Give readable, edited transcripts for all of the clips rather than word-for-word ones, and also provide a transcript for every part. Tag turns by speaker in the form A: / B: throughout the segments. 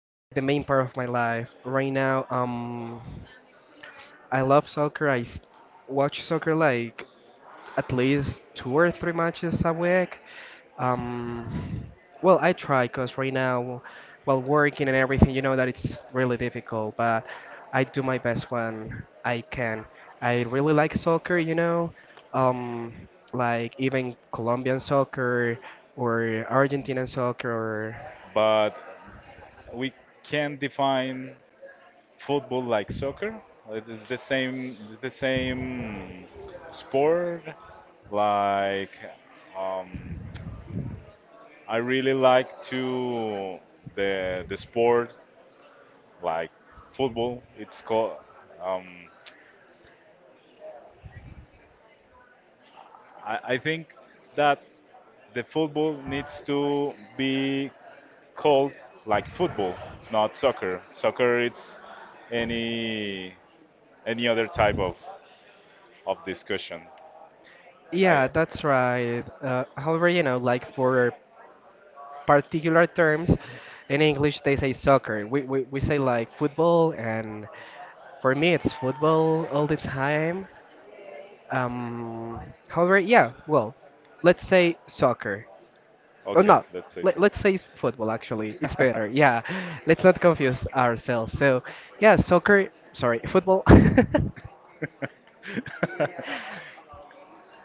A: like the main part of my life. Right now, I love soccer. Watch soccer like at least two or three matches a week. Um, well, I try because right now, while working and everything, you know that it's really difficult, but I do my best when I can. I really like soccer, you know, um, like even Colombian soccer or Argentinian soccer or
B: but we can define football like soccer. It is the same. It's the same sport. Like, um, I really like to the sport like football. It's called. Um, I think that the football needs to be called like football, not soccer. Soccer it's any any other type of discussion. I
A: yeah, that's right. However, you know, like for particular terms, in English they say soccer. We say like football. And for me, it's football all the time. Um, However, yeah, well, let's say soccer. Oh
B: okay,
A: no,
B: let's say
A: let,
B: so.
A: let's say football actually. It's better. Yeah, let's not confuse ourselves. So, yeah, soccer, sorry, football.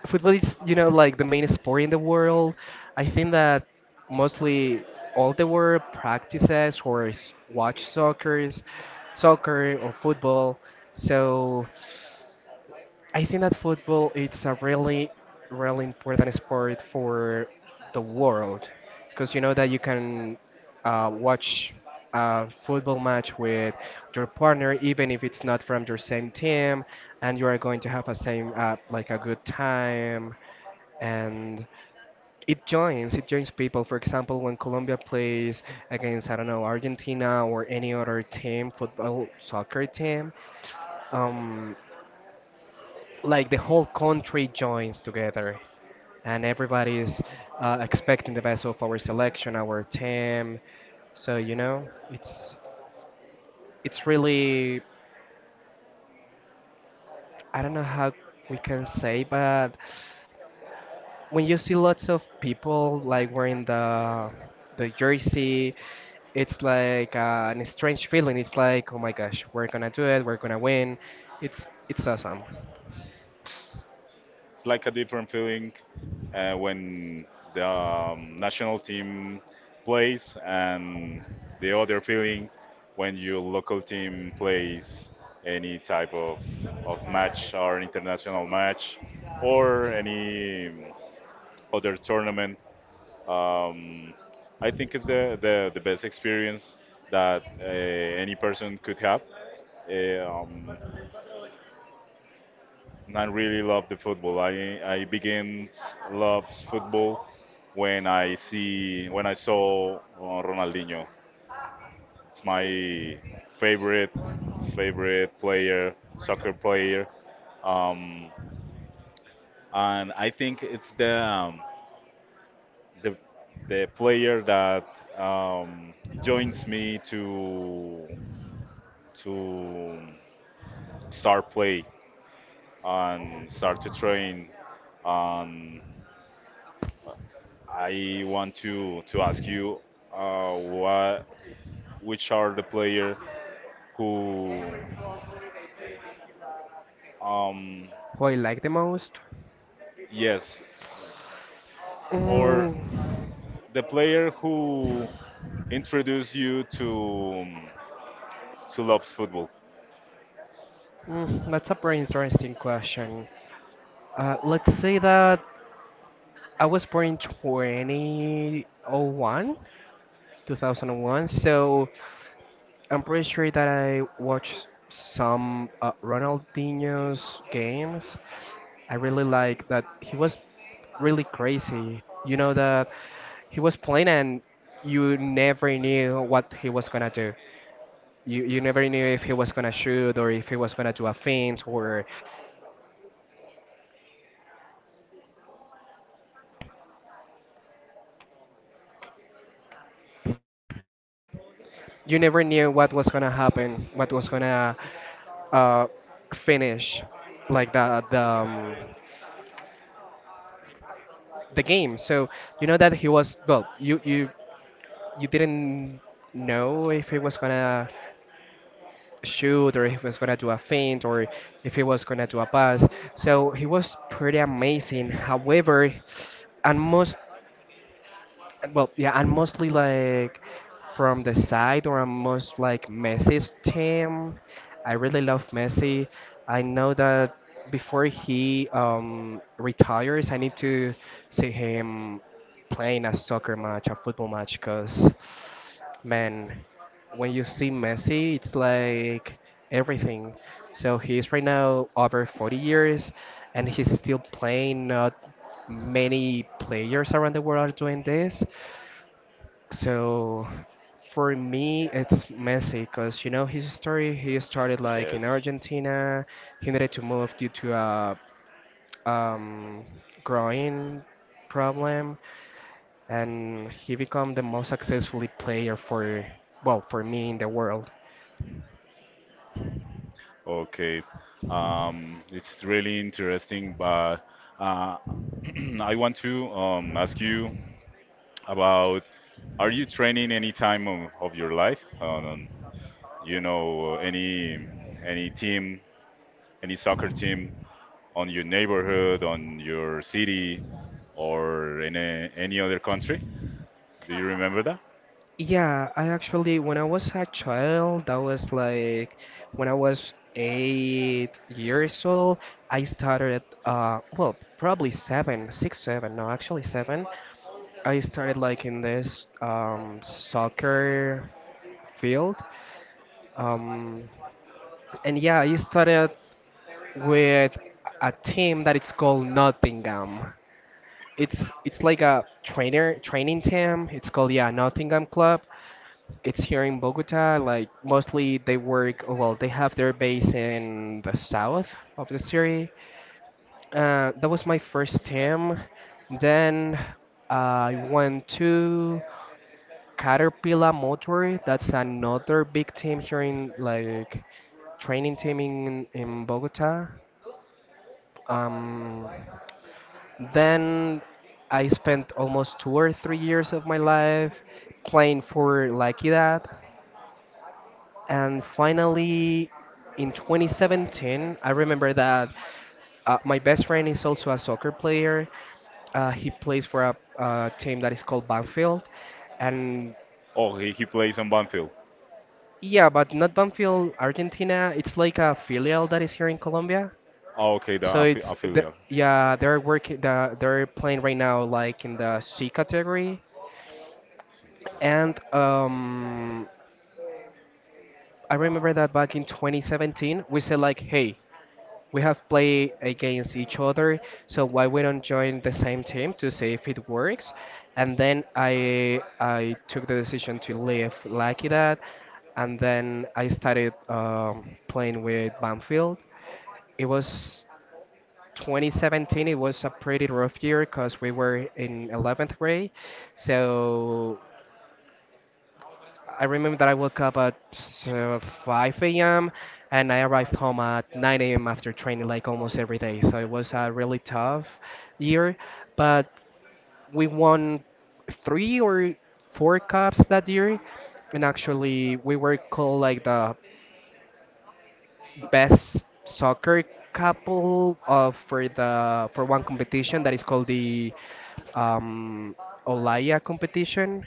A: Football is, you know, like the main sport in the world. I think that mostly all the world practices or watch soccer, soccer or football. So, I think that football it's a really, really important sport for the world, because you know that you can watch a football match with your partner even if it's not from your same team, and you are going to have a same like a good time, and it joins people. For example, when Colombia plays against, I don't know, Argentina or any other team, football soccer team, um, like the whole country joins together, and everybody's expecting the best of our selection, our team. So, you know, it's really, I don't know how we can say, but when you see lots of people like wearing the jersey, it's like an strange feeling. It's like, oh my gosh, we're gonna do it, we're gonna win. It's awesome.
B: It's like a different feeling when the national team plays, and the other feeling when your local team plays any type of match or international match or any other tournament. Um, I think it's the best experience that any person could have. Eh, um, and I really love the football. I loves football when I see when I saw Ronaldinho. It's my favorite favorite player, soccer player. Um, and I think it's the, the the player that, um, joins me to to start play and start to train. And I want to ask you what which are the player who, um,
A: Who I like the most?
B: yes, or
A: Mm,
B: the player who introduced you to loves football.
A: That's a very interesting question. Let's say that I was born in 2001, 2001, so I'm pretty sure that I watched some Ronaldinho's games. I really like that he was really crazy. You know that he was playing and you never knew what he was gonna do. You never knew if he was gonna shoot or if he was gonna do a feint, or you never knew what was gonna happen, what was gonna uh, finish like the the game. So you know that he was, well, you you didn't know if he was gonna shoot or if he was gonna do a feint or if he was gonna do a pass. So he was pretty amazing. However, and most And, Well, yeah, I'm mostly like from the side, or I'm most like Messi's team. I really love Messi. I know that before he retires, I need to see him playing a soccer match, a football match, because man, when you see Messi, it's like everything. So he's right now over 40 years, and he's still playing. Not many players around the world are doing this. So for me, it's Messi, because you know his story. He started like in
B: Yes.
A: Argentina. He needed to move due to a um, growing problem, and he became the most successful player for, well, for me, in the world.
B: Okay. It's really interesting, but uh, I want to ask you about, are you training any time of your life? You know, any team, any soccer team on your neighborhood, on your city, or in a, any other country? Do you remember that?
A: Yeah, I actually, when I was a child, that was like when I was 8 years old. I started well probably seven, six, seven. No, actually seven. I started like in this soccer field. Um, and yeah, I started with a team that it's called Nottingham. It's like a trainer training team. It's called, yeah, Nottingham Club. It's here in Bogota. Like mostly they work, oh, well. They have their base in the south of the city. That was my first team. Then uh, I went to Caterpillar Motor. That's another big team here, in like training team in Bogota. Um, then I spent almost 2 or 3 years of my life playing for like that. And finally, in 2017, I remember that my best friend is also a soccer player. He plays for a team that is called Banfield, and
B: Oh, he plays on Banfield.
A: yeah, but not Banfield Argentina. It's like a filial that is here in Colombia.
B: Oh, okay, the
A: So it's the,
B: affiliate.
A: yeah, they're working. They're playing right now, like in the C category. And I remember that back in 2017, we said like, hey, we have played against each other, so why we don't join the same team to see if it works? And then I took the decision to leave like that, and then I started playing with Banfield. It was 2017. It was a pretty rough year because we were in 11th grade. So I remember that I woke up at 5 a.m. and I arrived home at 9 a.m. after training, like almost every day. So it was a really tough year, but we won three or four cups that year. And actually, we were called like the best soccer couple of, for the, for one competition that is called the um, Olaya competition.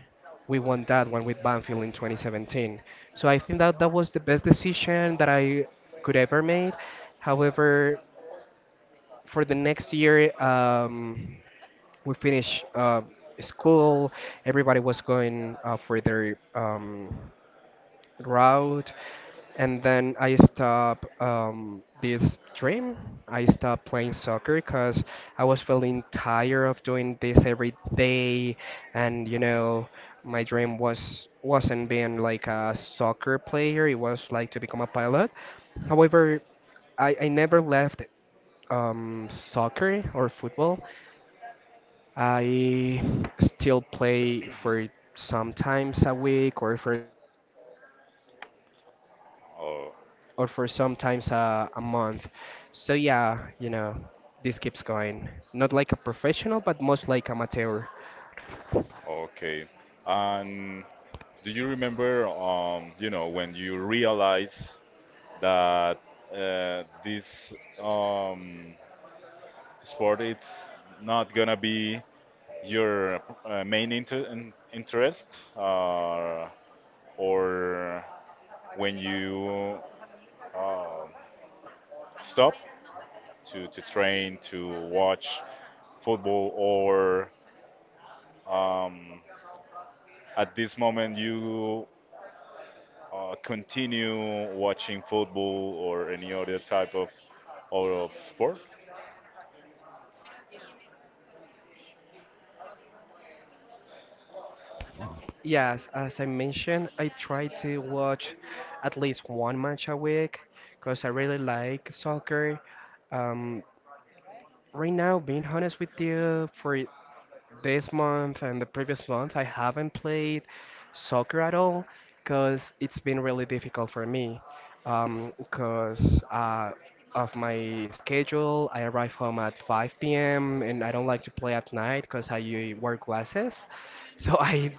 A: We won that one with Banfield in 2017. So I think that that was the best decision that I could ever made. However, for the next year, we finished school. Everybody was going for their route, and then I stopped this dream. I stopped playing soccer because I was feeling tired of doing this every day, and you know, my dream was, wasn't being like a soccer player. It was like to become a pilot. However, I never left soccer or football. I still play for sometimes a week or for
B: Oh.
A: sometimes a month. So yeah, you know, this keeps going. Not like a professional, but most like amateur.
B: Okay. And do you remember, you know, when you realize that, this, um, sport it's not gonna be your main interest, or when you uh, stop to train to watch football, or, um, at this moment you continue watching football or any other type of or of sport.
A: Yes, as I mentioned, I try to watch at least one match a week because I really like soccer. Um, right now, being honest with you, for this month and the previous month, I haven't played soccer at all because it's been really difficult for me. Because of my schedule, I arrive home at 5 p.m. and I don't like to play at night because I wear glasses, so I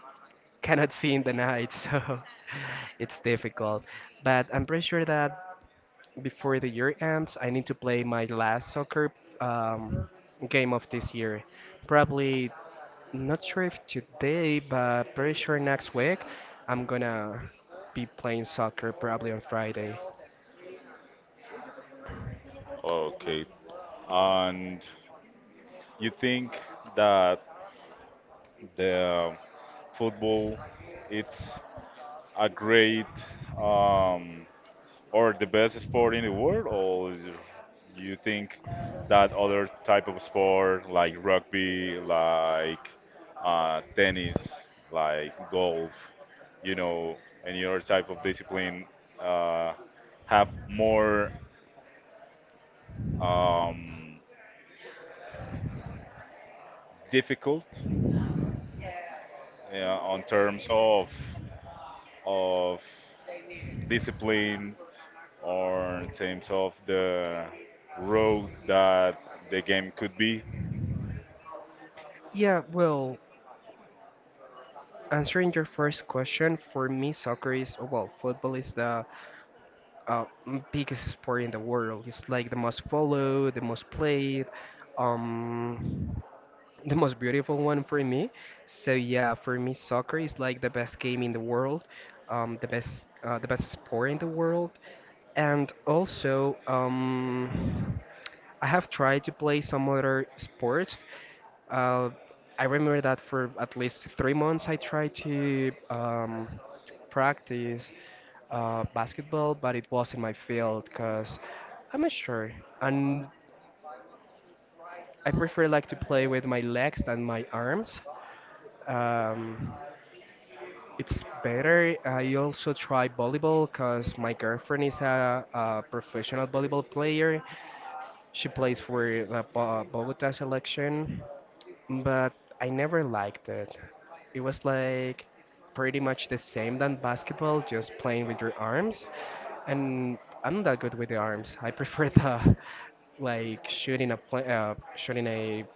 A: cannot see in the night. So it's difficult. But I'm pretty sure that before the year ends, I need to play my last soccer um, game of this year. Probably not sure if today, but pretty sure next week I'm gonna be playing soccer, probably on Friday.
B: Okay. And you think that the, football it's a great, um, or the best sport in the world, or you think that other type of sport like rugby, like tennis, like golf, you know, any other type of discipline uh, have more, um, difficult on terms of of discipline or in terms of the road that the game could be.
A: Yeah, well, answering your first question, for me, soccer is, well, football is the biggest sport in the world. It's like the most followed, the most played. Um, the most beautiful one for me. So yeah, for me, soccer is like the best game in the world, the best sport in the world, and also I have tried to play some other sports. Uh, I remember that for at least 3 months I tried to practice basketball, but it was in my field because I'm not sure, and I prefer like to play with my legs than my arms. Um, it's better. I also try volleyball because my girlfriend is a professional volleyball player. She plays for the Bogota selection, but I never liked it. It was like pretty much the same than basketball, just playing with your arms. And I'm not that good with the arms. I prefer the like shooting a play, shooting a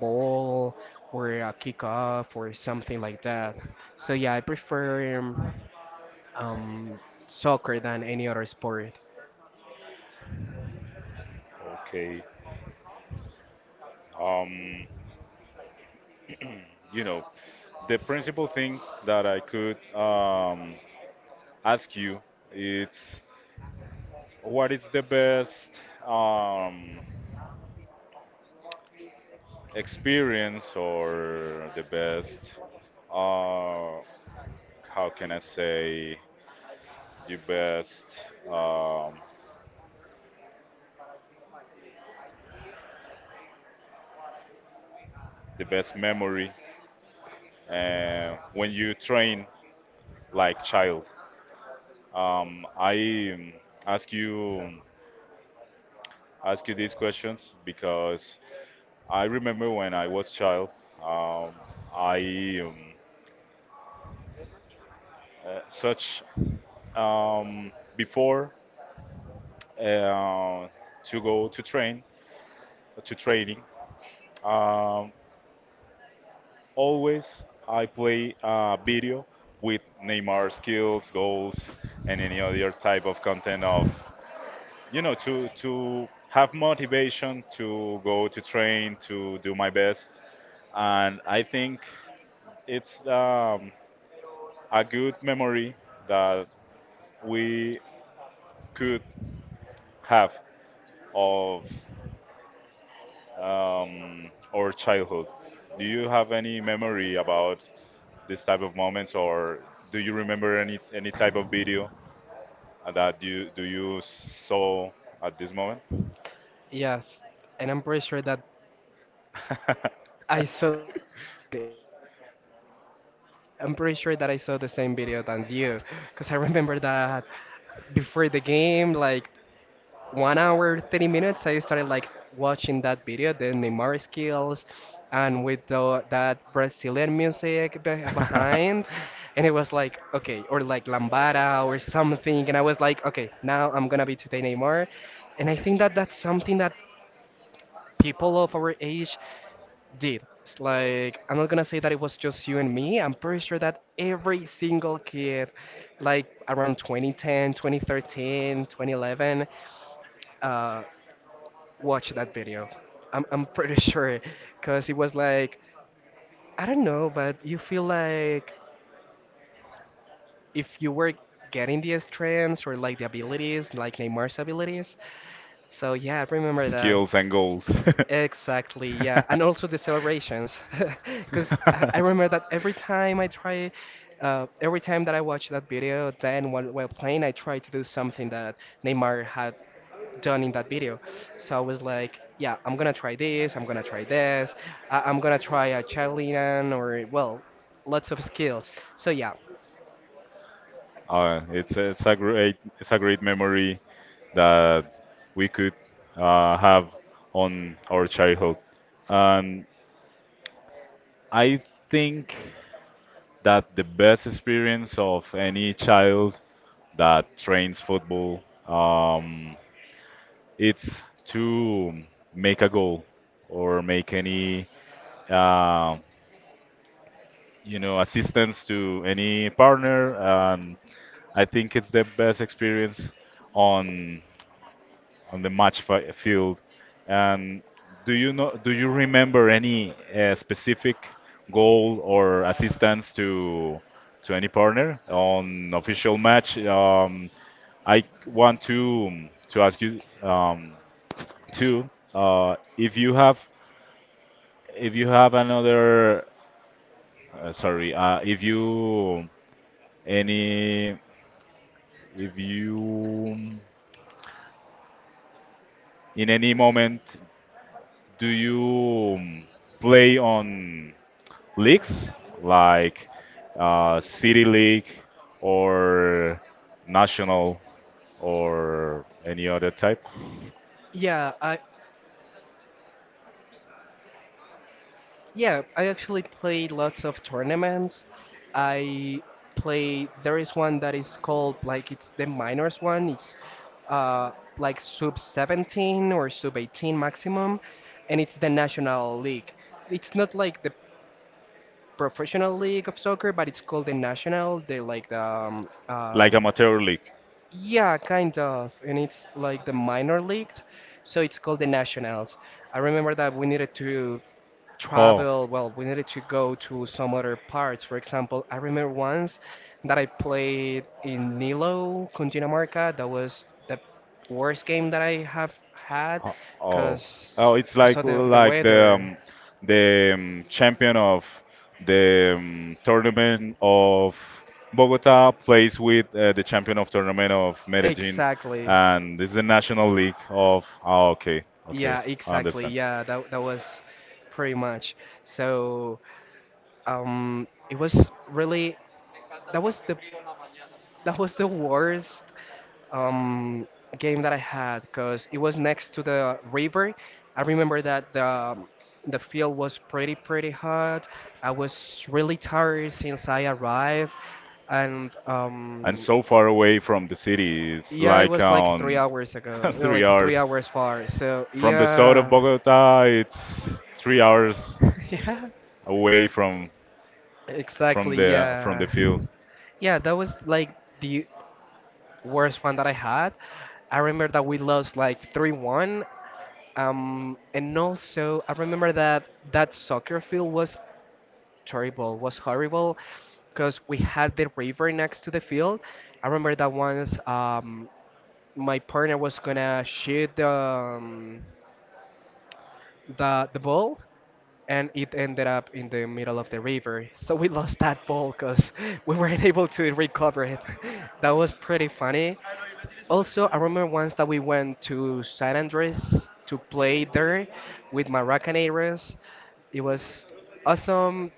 A: ball or a kickoff or something like that. So yeah, I prefer um, soccer than any other sport.
B: Okay. Um, you know, the principal thing that I could, ask you is, what is the best, um, experience or the best, uh, how can I say, the best, um, the best memory when you train like child? I ask you ask you these questions because I remember when I was child, um, I such um, before, uh, to go to training. Um, Always I play video with Neymar skills, goals, and any other type of content of, you know, to have motivation to go to train to do my best, and I think it's, a good memory that we could have of, our childhood. Do you have any memory about this type of moments, or do you remember any type of video that you saw at this moment?
A: Yes, and I'm pretty sure that I saw I'm pretty sure that I saw the same video than you, because I remember that before the game, like 1 hour, 30 minutes, I started like watching that video, the Neymar skills, and with the, that Brazilian music be behind, and it was like, okay, or like Lambada or something, and I was like, okay, now I'm gonna be today Neymar, and I think that that's something that people of our age did. It's like I'm not gonna say that it was just you and me. I'm pretty sure that every single kid, like around 2010, 2013, 2011, uh, watched that video. I'm pretty sure, cause it was like, I don't know, but you feel like if you were getting the strengths or like the abilities, like Neymar's abilities. So yeah, I remember that.
B: Skills and goals.
A: Exactly, yeah, and also the celebrations, because I remember that every time I try, every time that I watch that video, then while playing, I try to do something that Neymar had done in that video. So I was like, yeah, I'm gonna try this, I'm gonna try this, I'm gonna try a javelin or well, lots of skills.
B: It's a great, it's a great memory that we could, have on our childhood. And I think that the best experience of any child that trains football, um, it's to make a goal or make any, uh, you know, assistance to any partner. I think it's the best experience on on the match field. And do you know? Do you remember any specific goal or assistance to any partner on official match? I want to ask you, too if you have, if you have another, sorry, if you any if you, in any moment, do you, play on leagues like, City League or National or any other type,
A: Yeah, I Yeah, I actually play lots of tournaments. I play, there is one that is called, like, it's the minors one. It's uh, like sub 17 or sub 18 maximum, and it's the national league. It's not like the professional league of soccer, but it's called the national. They like the
B: like amateur league.
A: yeah, kind of, and it's like the minor leagues, so it's called the nationals. I remember that we needed to
B: Oh,
A: travel, well, we needed to go to some other parts. For example, I remember once that I played in Nilo, Cundinamarca. That was the worst game that I have had
B: Ho- Oh, oh, it's
A: because of the
B: like the,
A: weather.
B: the, champion of the, tournament of Bogota plays with the champion of tournament of Medellin,
A: Exactly.
B: and this is the national league of. Oh, okay, okay,
A: Yeah,
B: I
A: exactly.
B: understand.
A: Yeah, that was pretty much. So it was really, that was the That was the worst um, game that I had because it was next to the river. I remember that the field was pretty hot. I was really tired since I arrived, and
B: And so far away from the city. It's
A: yeah, it
B: like
A: was like three
B: on
A: hours ago,
B: three
A: like three
B: hours
A: hours far. So
B: from the south of
A: yeah,
B: Bogota. It's 3 hours
A: yeah,
B: away from
A: exactly,
B: the
A: yeah,
B: field.
A: yeah. That was like the worst one that I had. I remember that we lost like 3-1. And also, I remember that that soccer field was terrible, was horrible, because we had the river next to the field. I remember that once my partner was gonna shoot the the ball, and it ended up in the middle of the river. So we lost that ball because we weren't able to recover it. That was pretty funny. Also, I remember once that we went to San Andres to play there with Maracaneros. It was awesome,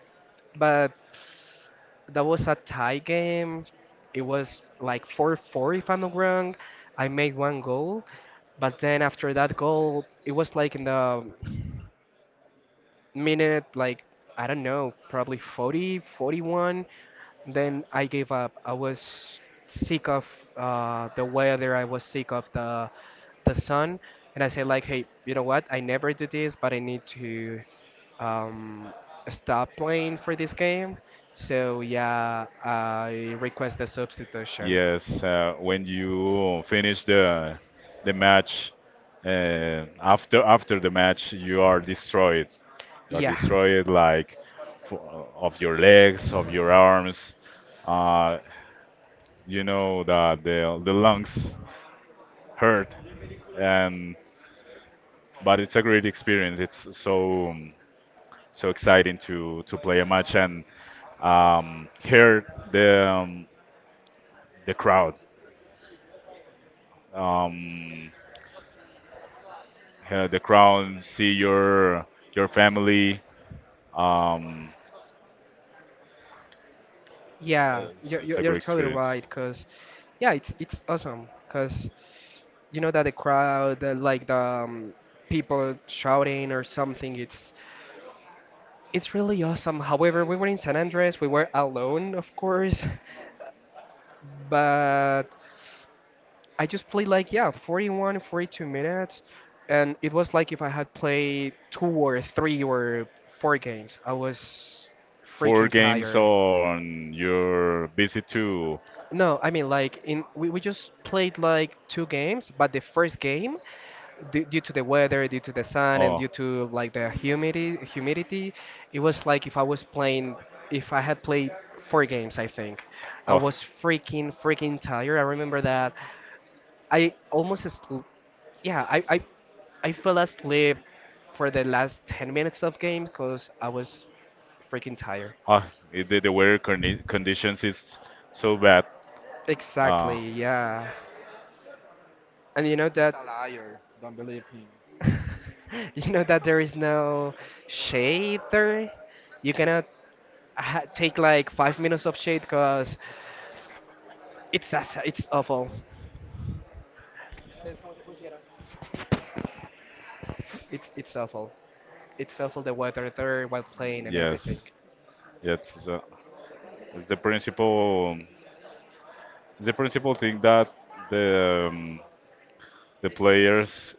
A: but that was a tie game. It was like 4-4 if I'm not wrong. I made one goal, but then after that goal, it was like in the minute like I don't know, probably 40, 41. Then I gave up. I was sick of the weather. I was sick of the sun, and I said like, hey, you know what? I never do this, but I need to um, stop playing for this game. So yeah, I request the substitution.
B: Yes, when you finish the match, after the match, you are destroyed. You are
A: Yeah.
B: destroyed like f of your legs, of your arms. Uh, you know that the lungs hurt and but it's a great experience. It's so so exciting to play a match and, hear the crowd, um, hear the crowd, see your family. Um,
A: Yeah,
B: it's,
A: you're,
B: it's
A: you're
B: a
A: you're
B: great
A: totally
B: experience.
A: right. Because, yeah, it's awesome. Because you know that the crowd, the people shouting or something, it's really awesome. However, we were in San Andres. We were alone, of course, but I just played like yeah, 41, 42 minutes, and it was like if I had played two or three or four games. I was
B: Four
A: freaking
B: games
A: tired.
B: on your visit to
A: No, I mean like we just played like two games, but the first game, d due to the weather, due to the sun, and
B: oh
A: due to like the humidity, it was like if I was playing, if I had played four games, I think. I
B: oh.
A: was freaking tired. I remember that I almost, sl- yeah, I fell asleep for the last 10 minutes of game because I was freaking tired.
B: Ah, it- the weather conditions is so bad. Uh,
A: Exactly, yeah. And you know that. You know that there is no shade there. You cannot ha take like 5 minutes of shade because it's awful. It's awful. It's awful the weather there while playing and
B: yes,
A: everything.
B: yes, it's the principal, it's the principal thing that the, the players,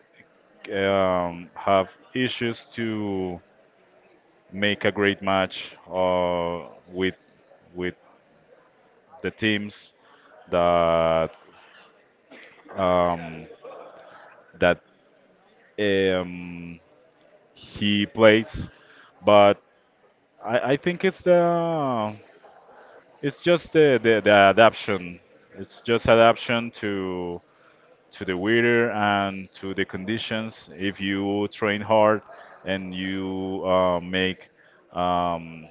B: have issues to make a great match, with with the teams that, um, that um, he plays, but I think it's the It's just the adaption. It's just adaption to the weather and to the conditions. If you train hard and you, make, um,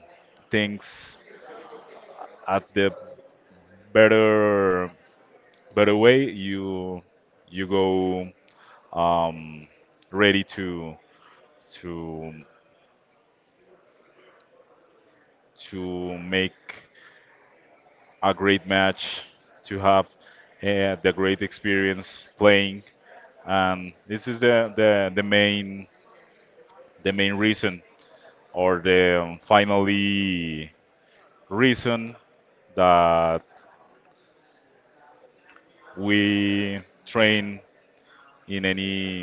B: things at the better better way, you go, um, ready to to to make a great match, to have the great experience playing, and this is the main the main reason or the, finally reason that we train in any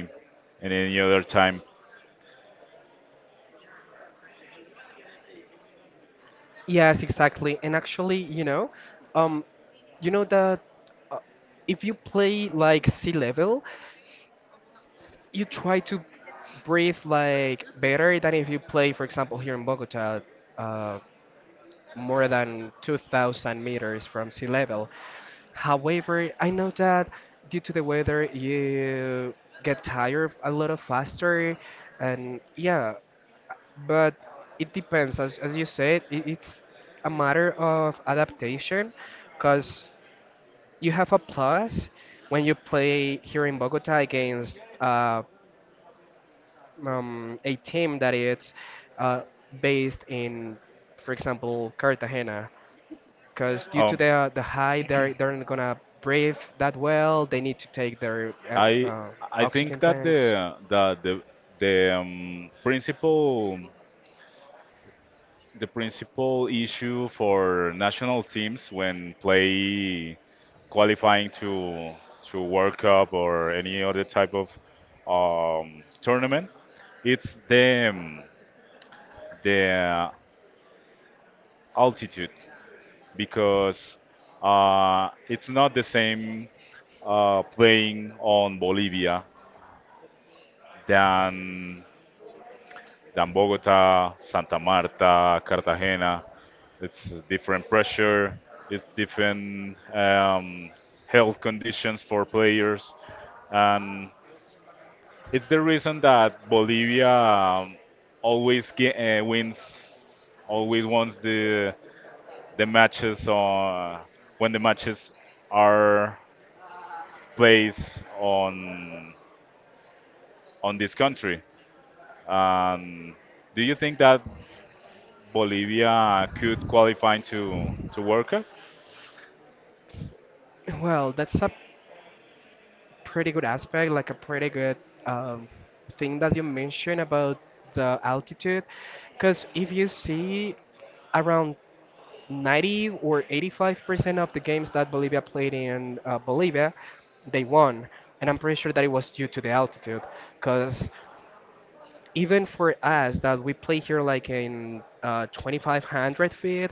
B: in any other time.
A: Yes, exactly. And actually, um, you know that uh, if you play like sea level, you try to breathe like better than if you play, for example, here in Bogota, uh, more than 2,000 meters from sea level. However, I know that due to the weather, you get tired a lot of faster, and yeah, but it depends. As you said, it's a matter of adaptation, because you have a plus when you play here in Bogota against a team that is uh, based in, for example, Cartagena because due to
B: Um,
A: the height, they're not gonna breathe that well. They need to take their
B: I I think
A: oxygen
B: that
A: tanks.
B: the principal the principal issue for national teams when play qualifying to World Cup or any other type of, tournament, it's the, the altitude because, it's not the same, playing on Bolivia than than Bogota, Santa Marta, Cartagena. It's different pressure, it's different, health conditions for players, and it's the reason that Bolivia, wins, always wants the matches on when the matches are placed on this country. Um, do you think that Bolivia could qualify to World Cup?
A: Well, that's a pretty good aspect, like a pretty good um, thing that you mentioned about the altitude, because if you see around 90 or 85% of the games that Bolivia played in Bolivia, they won. And I'm pretty sure that it was due to the altitude, because even for us that we play here like in 2500 feet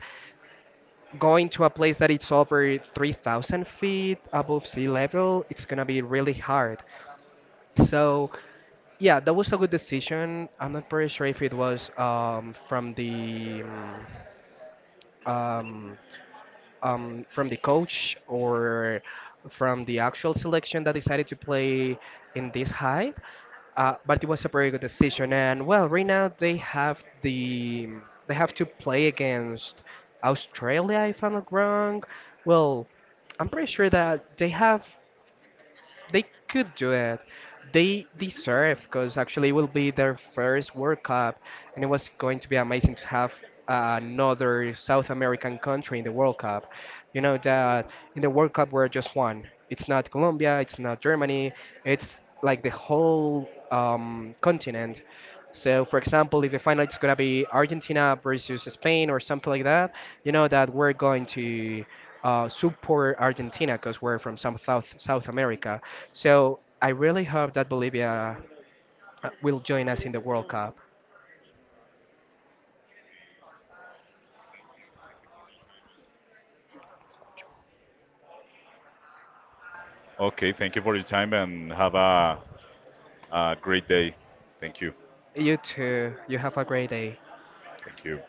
A: going to a place that it's over 3000 feet above sea level, it's gonna be really hard. So yeah, that was a good decision. I'm not pretty sure if it was um, from the coach or from the actual selection that decided to play in this height. But it was a very good decision. And well, right now they have the they have to play against Australia, if I'm not wrong. Well, I'm pretty sure that they could do it. They deserved, because actually it will be their first World Cup, and it was going to be amazing to have another South American country in the World Cup. You know that in the World Cup we're just one. It's not Colombia, it's not Germany, it's like the whole continent. So, for example, if the final is gonna be Argentina versus Spain or something like that, you know that we're going to support Argentina because we're from some South South America. So I really hope that Bolivia will join us in the World Cup.
B: Okay, thank you for your time and have a great day. Thank you.
A: You too. You have a great day.
B: Thank you.